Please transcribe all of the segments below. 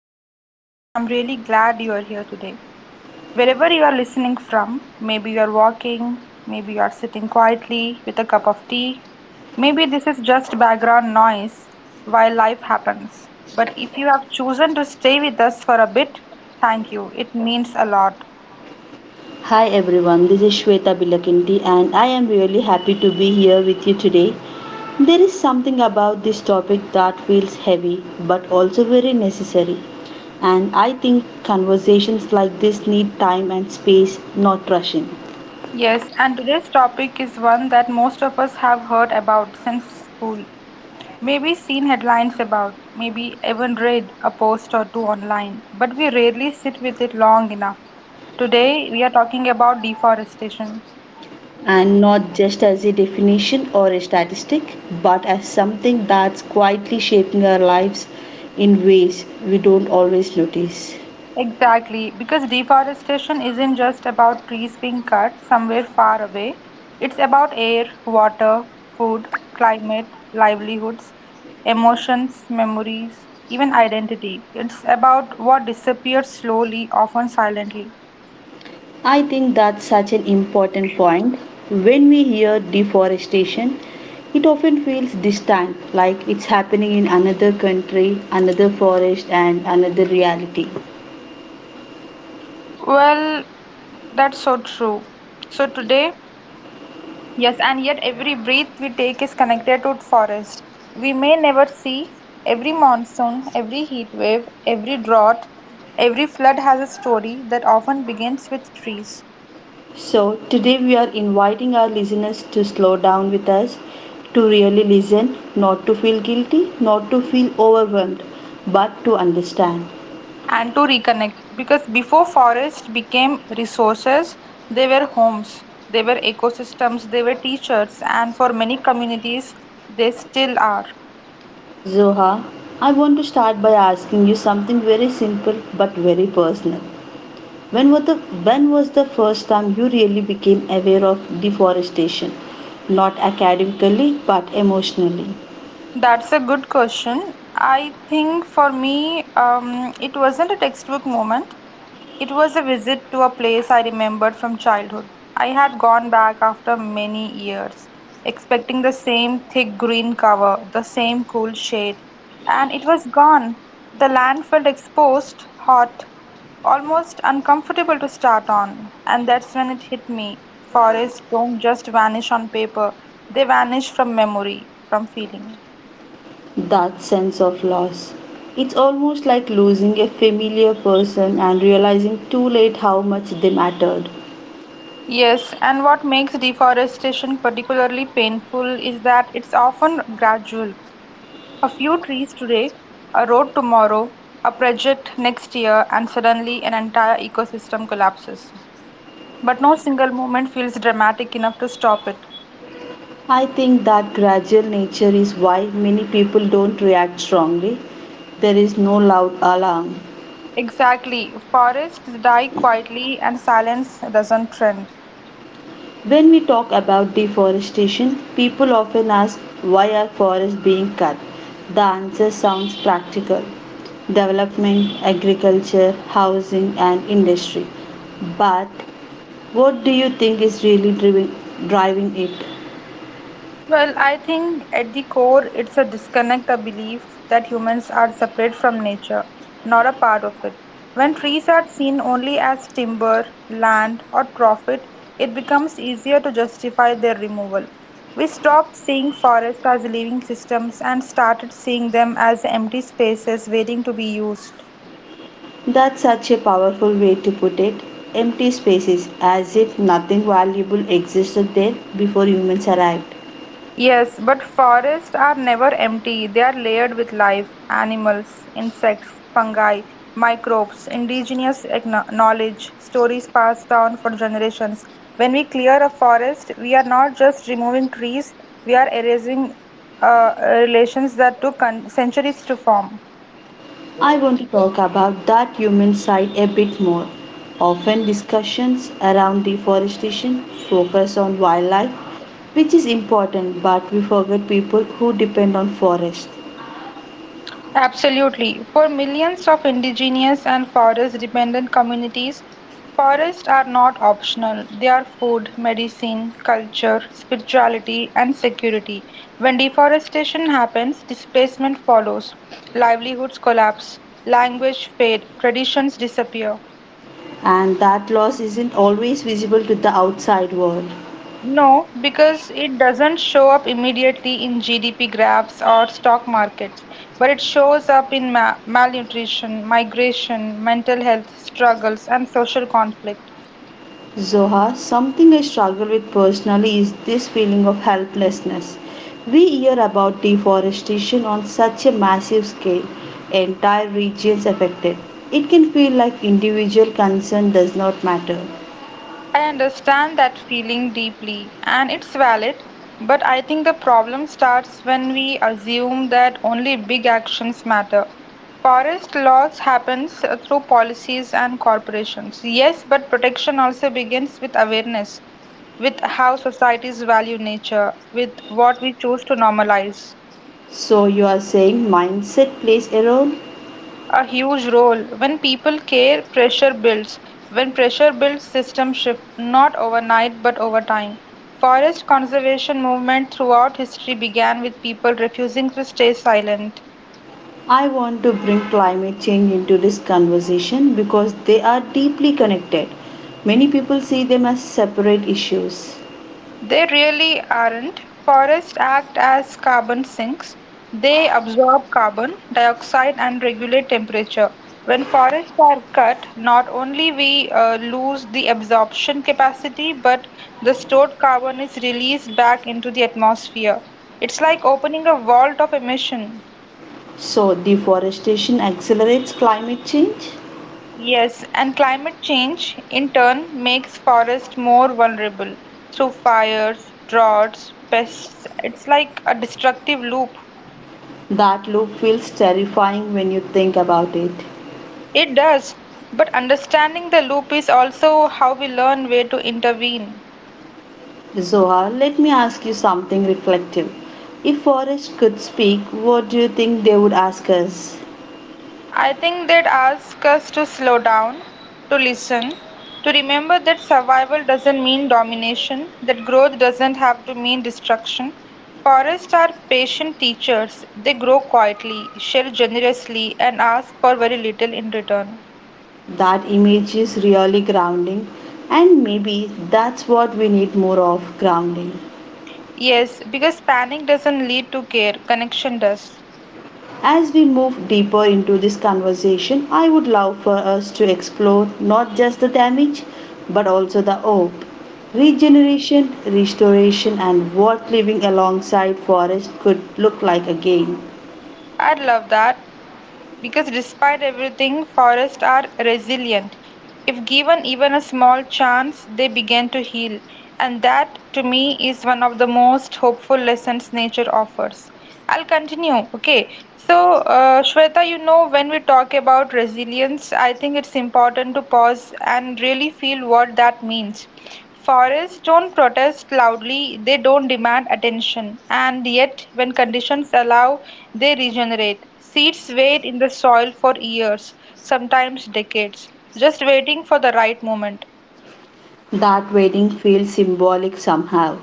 Zoha, and I'm really glad you are here today. Wherever you are listening from, maybe you are walking, maybe you are sitting quietly with a cup of tea, maybe this is just background noise while life happens. But if you have chosen to stay with us for a bit, thank you. It means a lot. Hi everyone, this is Shweta Bilakindi and I am really happy to be here with you today. There is something about this topic that feels heavy but also very necessary. And I think conversations like this need time and space, not rushing. Yes, and today's topic is one that most of us have heard about since school. Maybe seen headlines about, maybe even read a post or two online, but we rarely sit with it long enough. Today, we are talking about deforestation. And not just as a definition or a statistic, but as something that's quietly shaping our lives in ways we don't always notice. Exactly, because deforestation isn't just about trees being cut somewhere far away, it's about air, water, food, climate, livelihoods, emotions, memories, even identity. It's about what disappears slowly, often silently. I think that's such an important point. When we hear deforestation, it often feels distant, like it's happening in another country, another forest, and another reality. Well, that's so true. So today, yes, and yet every breath we take is connected to forest. We may never see every monsoon, every heat wave, every drought, every flood has a story that often begins with trees. So, today we are inviting our listeners to slow down with us, to really listen, not to feel guilty, not to feel overwhelmed, but to understand. And to reconnect, because before forests became resources, they were homes, they were ecosystems, they were teachers, and for many communities, they still are. Zoha, I want to start by asking you something very simple but very personal. When was the when was the first time you really became aware of deforestation? Not academically but emotionally. That's a good question. I think for me, it wasn't a textbook moment. It was a visit to a place I remembered from childhood. I had gone back after many years, expecting the same thick green cover, the same cool shade, and it was gone. The land felt exposed, hot, almost uncomfortable to start on. And that's when it hit me. Forests don't just vanish on paper, they vanish from memory, from feeling. That sense of loss. It's almost like losing a familiar person and realizing too late how much they mattered. Yes, and what makes deforestation particularly painful is that it's often gradual. A few trees today, a road tomorrow, a project next year, and suddenly an entire ecosystem collapses. But no single moment feels dramatic enough to stop it. I think that gradual nature is why many people don't react strongly. There is no loud alarm. Exactly, forests die quietly and silence doesn't trend. When we talk about deforestation, people often ask, why are forests being cut? The answer sounds practical: development, agriculture, housing, and industry. But what do you think is really driving it? Well, I think at the core, it's a disconnect, a belief that humans are separate from nature, not a part of it. When trees are seen only as timber, land, or profit, it becomes easier to justify their removal. We stopped seeing forests as living systems and started seeing them as empty spaces waiting to be used. That's such a powerful way to put it. Empty spaces, as if nothing valuable existed there before humans arrived. Yes, but forests are never empty. They are layered with life, animals, insects, fungi, microbes, indigenous knowledge, stories passed down for generations. When we clear a forest, we are not just removing trees, we are erasing uh, relations that took centuries to form. I want to talk about that human side a bit more. Often discussions around deforestation focus on wildlife, which is important, but we forget people who depend on forests. Absolutely. For millions of indigenous and forest dependent communities, forests are not optional. They are food, medicine, culture, spirituality, and security. When deforestation happens, displacement follows, livelihoods collapse, language fade, traditions disappear. And that loss isn't always visible to the outside world. No, because it doesn't show up immediately in GDP graphs or stock markets, but it shows up in ma malnutrition, migration, mental health struggles, and social conflict. Zoha, something I struggle with personally is this feeling of helplessness. We hear about deforestation on such a massive scale, entire regions affected. It can feel like individual concern does not matter. I understand that feeling deeply, and it's valid, but I think the problem starts when we assume that only big actions matter. Forest loss happens through policies and corporations. Yes, but protection also begins with awareness, with how societies value nature, with what we choose to normalize. So you are saying mindset plays a role? A huge role. When people care, pressure builds. When pressure builds, systems shift, not overnight but over time. Forest conservation movement throughout history began with people refusing to stay silent. I want to bring climate change into this conversation because they are deeply connected. Many people see them as separate issues. They really aren't. Forests act as carbon sinks. They absorb carbon dioxide and regulate temperature. When forests are cut, not only we lose the absorption capacity, but the stored carbon is released back into the atmosphere. It's like opening a vault of emission. So deforestation accelerates climate change? Yes, and climate change in turn makes forests more vulnerable through fires, droughts, pests. It's like a destructive loop. That loop feels terrifying when you think about it. It does, but understanding the loop is also how we learn where to intervene. Zohar, let me ask you something reflective. If forests could speak, what do you think they would ask us? I think they'd ask us to slow down, to listen, to remember that survival doesn't mean domination, that growth doesn't have to mean destruction. Forests are patient teachers. They grow quietly, share generously, and ask for very little in return. That image is really grounding, and maybe that's what we need more of, grounding. Yes, because panic doesn't lead to care, connection does. As we move deeper into this conversation, I would love for us to explore not just the damage but also the hope. Regeneration, restoration, and what living alongside forest could look like again. I'd love that. Because despite everything, forests are resilient. If given even a small chance, they begin to heal. And that, to me, is one of the most hopeful lessons nature offers. I'll continue. Okay. So, Shweta, when we talk about resilience, I think it's important to pause and really feel what that means. Forests don't protest loudly, they don't demand attention, and yet, when conditions allow, they regenerate. Seeds wait in the soil for years, sometimes decades, just waiting for the right moment. That wedding feels symbolic somehow,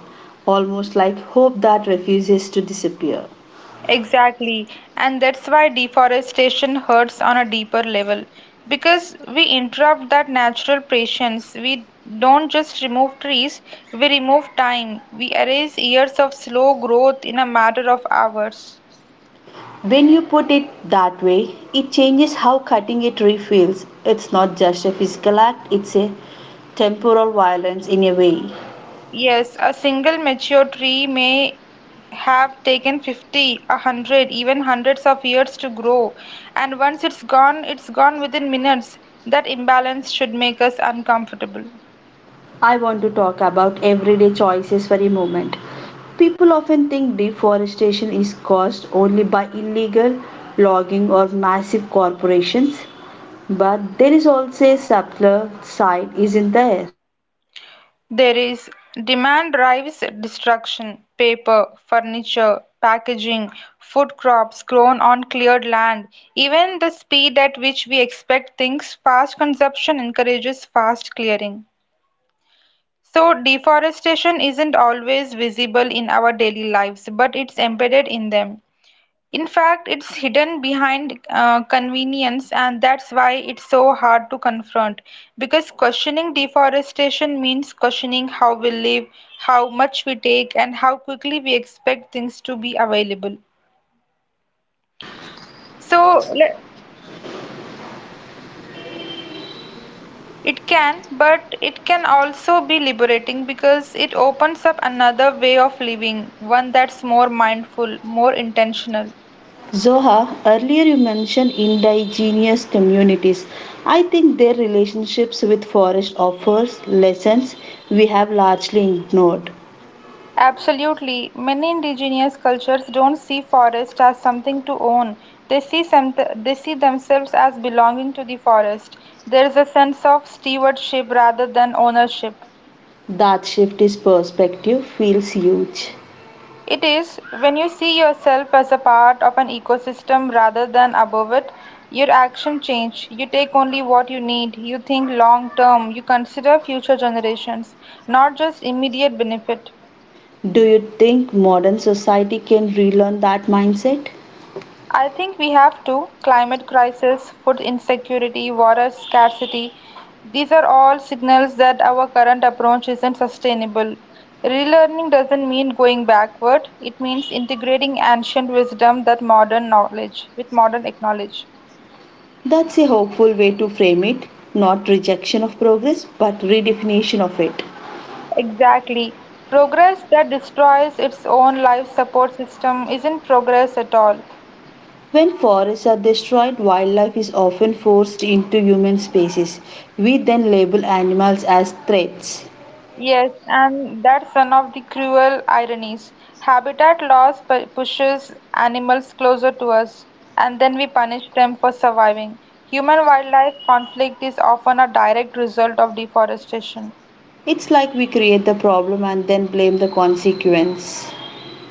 almost like hope that refuses to disappear. Exactly, and that's why deforestation hurts on a deeper level. Because we interrupt that natural patience, we don't just remove trees, we remove time. We erase years of slow growth in a matter of hours. When you put it that way, it changes how cutting a tree feels. It's not just a physical act, it's a temporal violence in a way. Yes, a single mature tree may have taken 50, a 100, even hundreds of years to grow, and once it's gone within minutes. That imbalance should make us uncomfortable. I want to talk about everyday choices for a moment. People often think deforestation is caused only by illegal logging. There is demand drives destruction. Paper, furniture, packaging, food crops grown on cleared land. Even the speed at which we expect things, fast consumption encourages fast clearing. So deforestation isn't always visible in our daily lives, but it's embedded in them. In fact, it's hidden behind convenience, and that's why it's so hard to confront. Because questioning deforestation means questioning how we live, how much we take, and how quickly we expect things to be available. So, let It can, but it can also be liberating because it opens up another way of living, one that's more mindful, more intentional. Zoha, earlier you mentioned indigenous communities. I think their relationships with forest offers lessons we have largely ignored. Absolutely. Many indigenous cultures don't see forest as something to own. They see themselves as belonging to the forest. There is a sense of stewardship rather than ownership. That shift in perspective feels huge. It is when you see yourself as a part of an ecosystem rather than above it, your action change. You take only what you need. You think long term. You consider future generations, not just immediate benefit. Do you think modern society can relearn that mindset? I think we have to. Climate crisis, food insecurity, water scarcity, these are all signals that our current approach isn't sustainable. Relearning doesn't mean going backward, it means integrating ancient wisdom that modern knowledge with modern knowledge. That's a hopeful way to frame it, not rejection of progress, but redefinition of it. Exactly. Progress that destroys its own life support system isn't progress at all. When forests are destroyed, wildlife is often forced into human spaces. We then label animals as threats. Yes, and that's one of the cruel ironies. Habitat loss pushes animals closer to us, and then we punish them for surviving. Human wildlife conflict is often a direct result of deforestation. It's like we create the problem and then blame the consequence.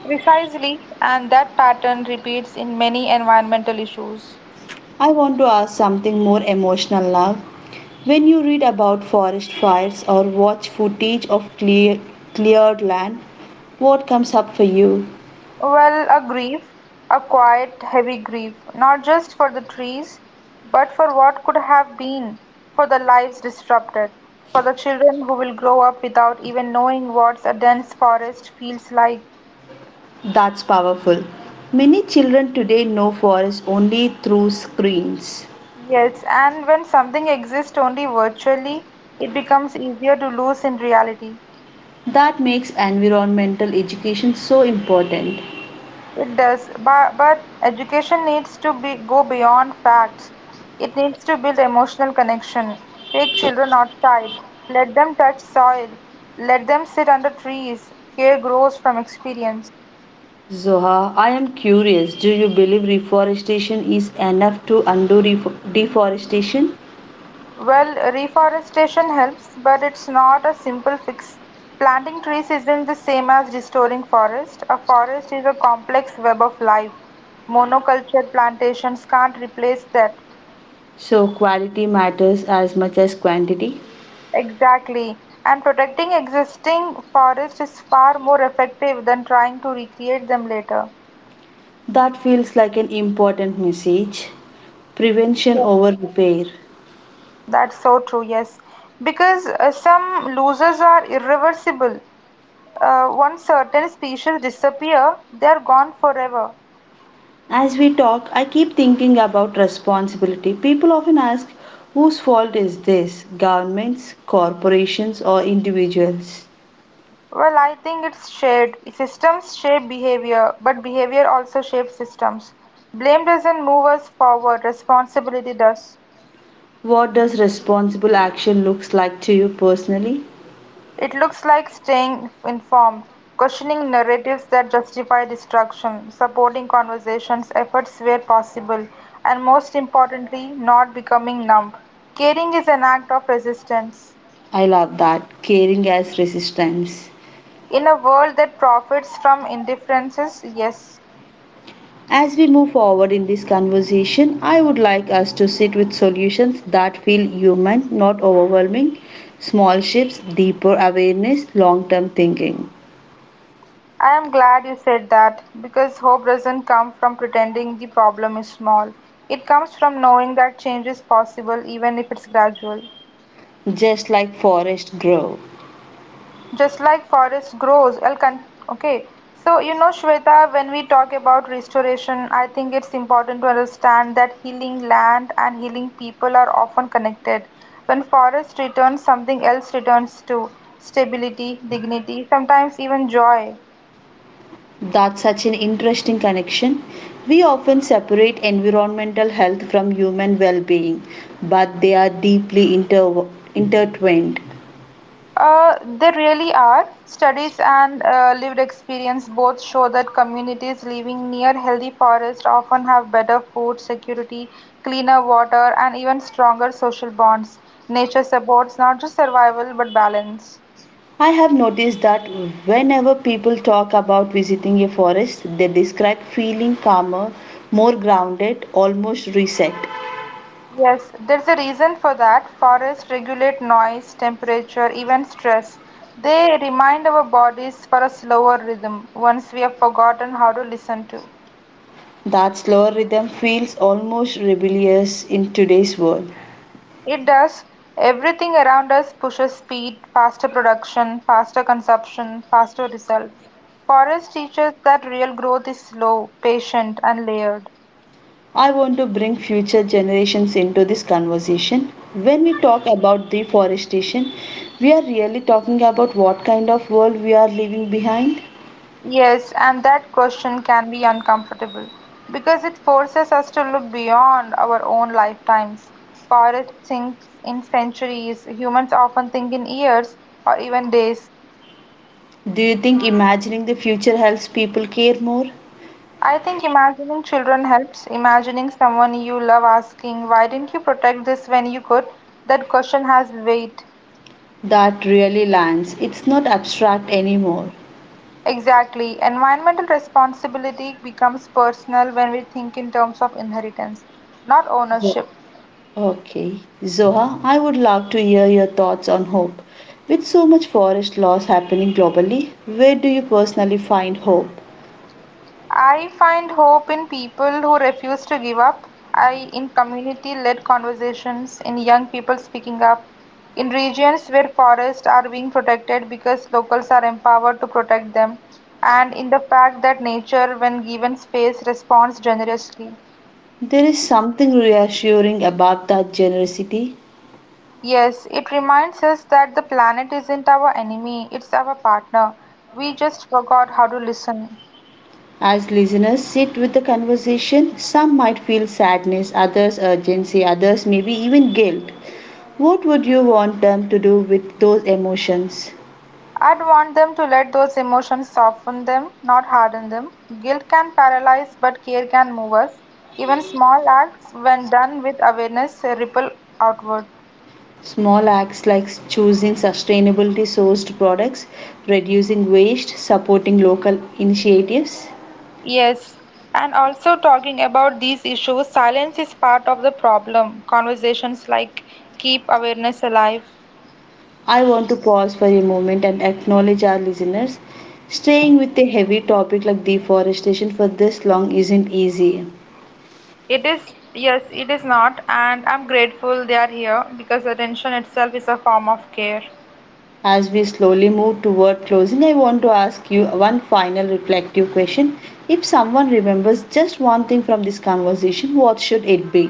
Precisely, and that pattern repeats in many environmental issues. I want to ask something more emotional now. When you read about forest fires or watch footage of clear, cleared land, what comes up for you? Well, a grief, a quiet, heavy grief, not just for the trees, but for what could have been, for the lives disrupted, for the children who will grow up without even knowing what a dense forest feels like. That's powerful. Many children today know forests only through screens. Yes, and when something exists only virtually, it becomes easier to lose in reality. That makes environmental education so important. It does, but education needs to be go beyond facts. It needs to build emotional connection. Take children outside, let them touch soil, let them sit under trees. Care grows from experience. Zoha, I am curious, do you believe reforestation is enough to undo deforestation? Well, reforestation helps, but it's not a simple fix. Planting trees isn't the same as restoring forest. A forest is a complex web of life. Monoculture plantations can't replace that. So, quality matters as much as quantity. Exactly. And protecting existing forests is far more effective than trying to recreate them later. That feels like an important message. Prevention Yeah. over repair. That's so true, yes. Because some losses are irreversible. Once certain species disappear, they are gone forever. As we talk, I keep thinking about responsibility. People often ask, whose fault is this? Governments, corporations, or individuals? Well, I think it's shared. Systems shape behavior, but behavior also shapes systems. Blame doesn't move us forward, responsibility does. What does responsible action looks like to you personally? It looks like staying informed, questioning narratives that justify destruction, supporting conversations efforts where possible, and most importantly, not becoming numb. Caring is an act of resistance. I love that. Caring as resistance. In a world that profits from indifferences, yes. As we move forward in this conversation, I would like us to sit with solutions that feel human, not overwhelming, small shifts, deeper awareness, long-term thinking. I am glad you said that because hope doesn't come from pretending the problem is small. It comes from knowing that change is possible even if it's gradual. Just like forests grow. Just like forest grows. Okay. So, Shweta, when we talk about restoration, I think it's important to understand that healing land and healing people are often connected. When forest returns, something else returns to stability, dignity, sometimes even joy. That's such an interesting connection. We often separate environmental health from human well being, but they are deeply intertwined. They really are. Studies and lived experience both show that communities living near healthy forests often have better food security, cleaner water, and even stronger social bonds. Nature supports not just survival but balance. I have noticed that whenever people talk about visiting a forest, they describe feeling calmer, more grounded, almost reset. Yes, there's a reason for that. Forests regulate noise, temperature, even stress. They remind our bodies for a slower rhythm once we have forgotten how to listen to. That slower rhythm feels almost rebellious in today's world. It does. Everything around us pushes speed, faster production, faster consumption, faster result. Forest teaches that real growth is slow, patient, and layered. I want to bring future generations into this conversation. When we talk about deforestation, we are really talking about what kind of world we are leaving behind. Yes, and that question can be uncomfortable because it forces us to look beyond our own lifetimes. Forest thinks in centuries, humans often think in years or even days. Do you think imagining the future helps people care more? I think imagining children helps. Imagining someone you love asking, "Why didn't you protect this when you could?" That question has weight. That really lands. It's not abstract anymore. Exactly. Environmental responsibility becomes personal when we think in terms of inheritance, not ownership. Okay. Zoha, I would love to hear your thoughts on hope. With so much forest loss happening globally, where do you personally find hope? I find hope in people who refuse to give up. I in community-led conversations, in young people speaking up, in regions where forests are being protected because locals are empowered to protect them, and in the fact that nature, when given space, responds generously. There is something reassuring about that generosity. Yes, it reminds us that the planet isn't our enemy, it's our partner. We just forgot how to listen. As listeners sit with the conversation, some might feel sadness, others urgency, others maybe even guilt. What would you want them to do with those emotions? I'd want them to let those emotions soften them, not harden them. Guilt can paralyze, but care can move us. Even small acts, when done with awareness, ripple outward. Small acts like choosing sustainability sourced products, reducing waste, supporting local initiatives. Yes, and also talking about these issues, silence is part of the problem. Conversations like keep awareness alive. I want to pause for a moment and acknowledge our listeners. Staying with a heavy topic like deforestation for this long isn't easy. It is, yes, it is not, and I'm grateful they are here because attention itself is a form of care. As we slowly move toward closing, I want to ask you one final reflective question. If someone remembers just one thing from this conversation, what should it be?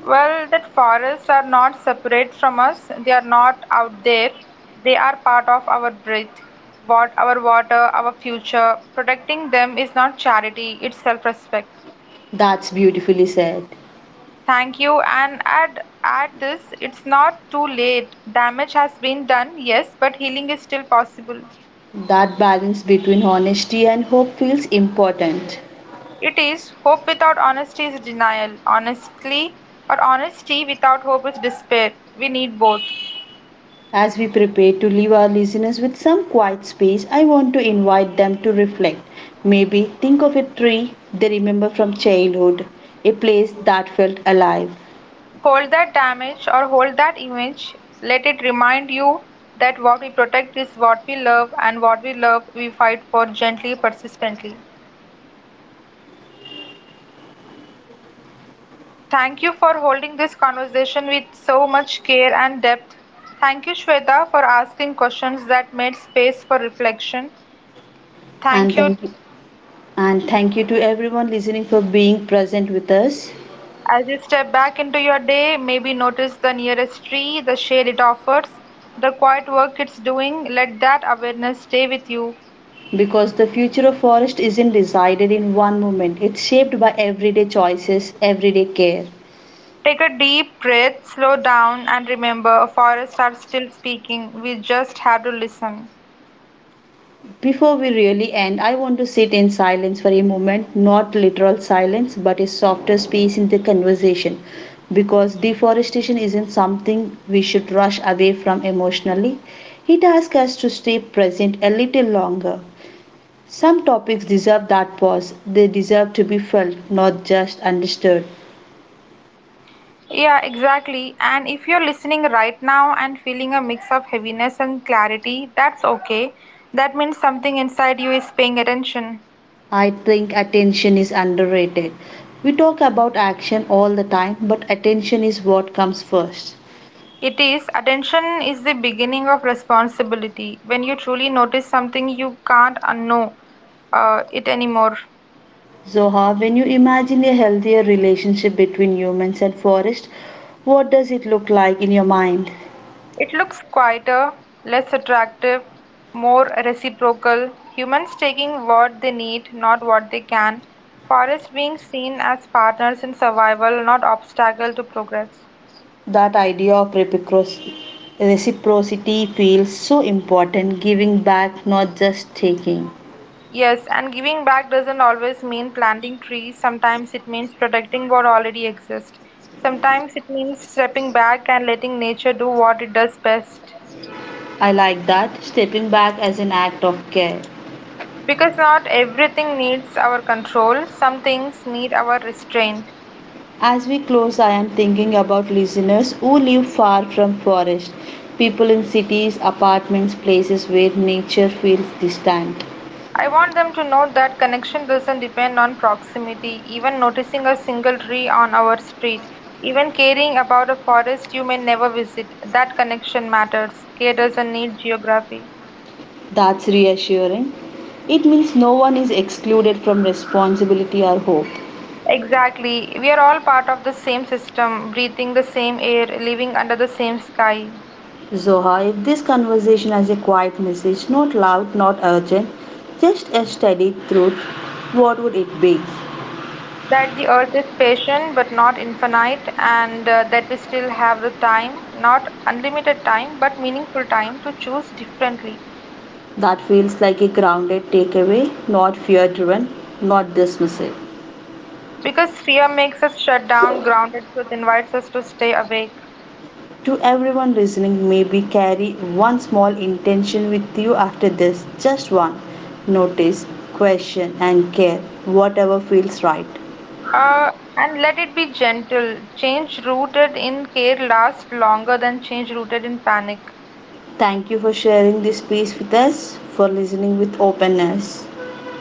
Well, that forests are not separate from us, they are not out there, they are part of our breath, what our water, our future. Protecting them is not charity, it's self respect. That's beautifully said. Thank you, and add this, it's not too late. Damage has been done, yes, but healing is still possible. That balance between honesty and hope feels important. It is hope without honesty is denial. Honestly or honesty without hope is despair. We need both. As we prepare to leave our listeners with some quiet space, I want to invite them to reflect. Maybe think of a tree they remember from childhood, a place that felt alive. Hold that damage or hold that image. Let it remind you that what we protect is what we love, and what we love, we fight for gently, persistently. Thank you for holding this conversation with so much care and depth. Thank you, Shweta, for asking questions that made space for reflection. And Thank you. thank you. And thank you to everyone listening for being present with us. As you step back into your day, maybe notice the nearest tree, the shade it offers, the quiet work it's doing. Let that awareness stay with you. Because the future of forest isn't decided in one moment, it's shaped by everyday choices, everyday care. Take a deep breath, slow down, and remember forests are still speaking. We just have to listen. Before we really end, I want to sit in silence for a moment, not literal silence, but a softer space in the conversation. Because deforestation isn't something we should rush away from emotionally. It asks us to stay present a little longer. Some topics deserve that pause, they deserve to be felt, not just understood. Yeah, exactly. And if you're listening right now and feeling a mix of heaviness and clarity, that's okay. That means something inside you is paying attention. I think attention is underrated. We talk about action all the time, but attention is what comes first. It is. Attention is the beginning of responsibility. When you truly notice something, you can't unknow it anymore. Zoha, when you imagine a healthier relationship between humans and forest, what does it look like in your mind? It looks quieter, less attractive, more reciprocal, humans taking what they need, not what they can, forests being seen as partners in survival, not obstacle to progress. That idea of reciprocity feels so important, giving back, not just taking. Yes, and giving back doesn't always mean planting trees. Sometimes it means protecting what already exists. Sometimes it means stepping back and letting nature do what it does best. I like that, stepping back as an act of care. Because not everything needs our control, some things need our restraint. As we close, I am thinking about listeners who live far from forest, people in cities, apartments, places where nature feels distant. I want them to know that connection doesn't depend on proximity, even noticing a single tree on our street, even caring about a forest you may never visit. That connection matters. Care doesn't need geography. That's reassuring. It means no one is excluded from responsibility or hope. Exactly. We are all part of the same system, breathing the same air, living under the same sky. Zoha, if this conversation has a quiet message, not loud, not urgent, just a steady truth, what would it be? That the earth is patient but not infinite, and that we still have the time, not unlimited time, but meaningful time to choose differently. That feels like a grounded takeaway, not fear driven, not dismissive. Because fear makes us shut down, grounded truth invites us to stay awake. To everyone listening, maybe carry one small intention with you after this, just one. Notice, question, and care, whatever feels right. Uh, and let it be gentle. Change rooted in care lasts longer than change rooted in panic. Thank you for sharing this space with us, for listening with openness.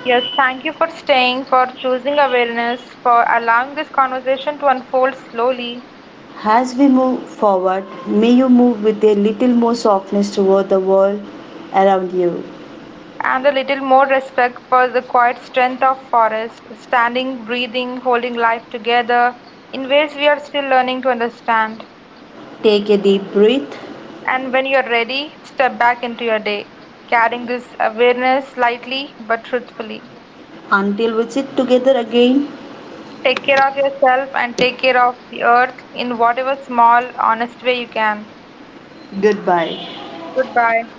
Yes, thank you for staying, for choosing awareness, for allowing this conversation to unfold slowly, As we move forward, may you move with a little more softness toward the world around you. and a little more respect for the quiet strength of forest, standing, breathing, holding life together in ways we are still learning to understand. Take a deep breath And when you're ready, step back into your day, carrying this awareness lightly but truthfully. until we sit together again. Take care of yourself and take care of the earth in whatever small, honest way you can. Goodbye. Goodbye.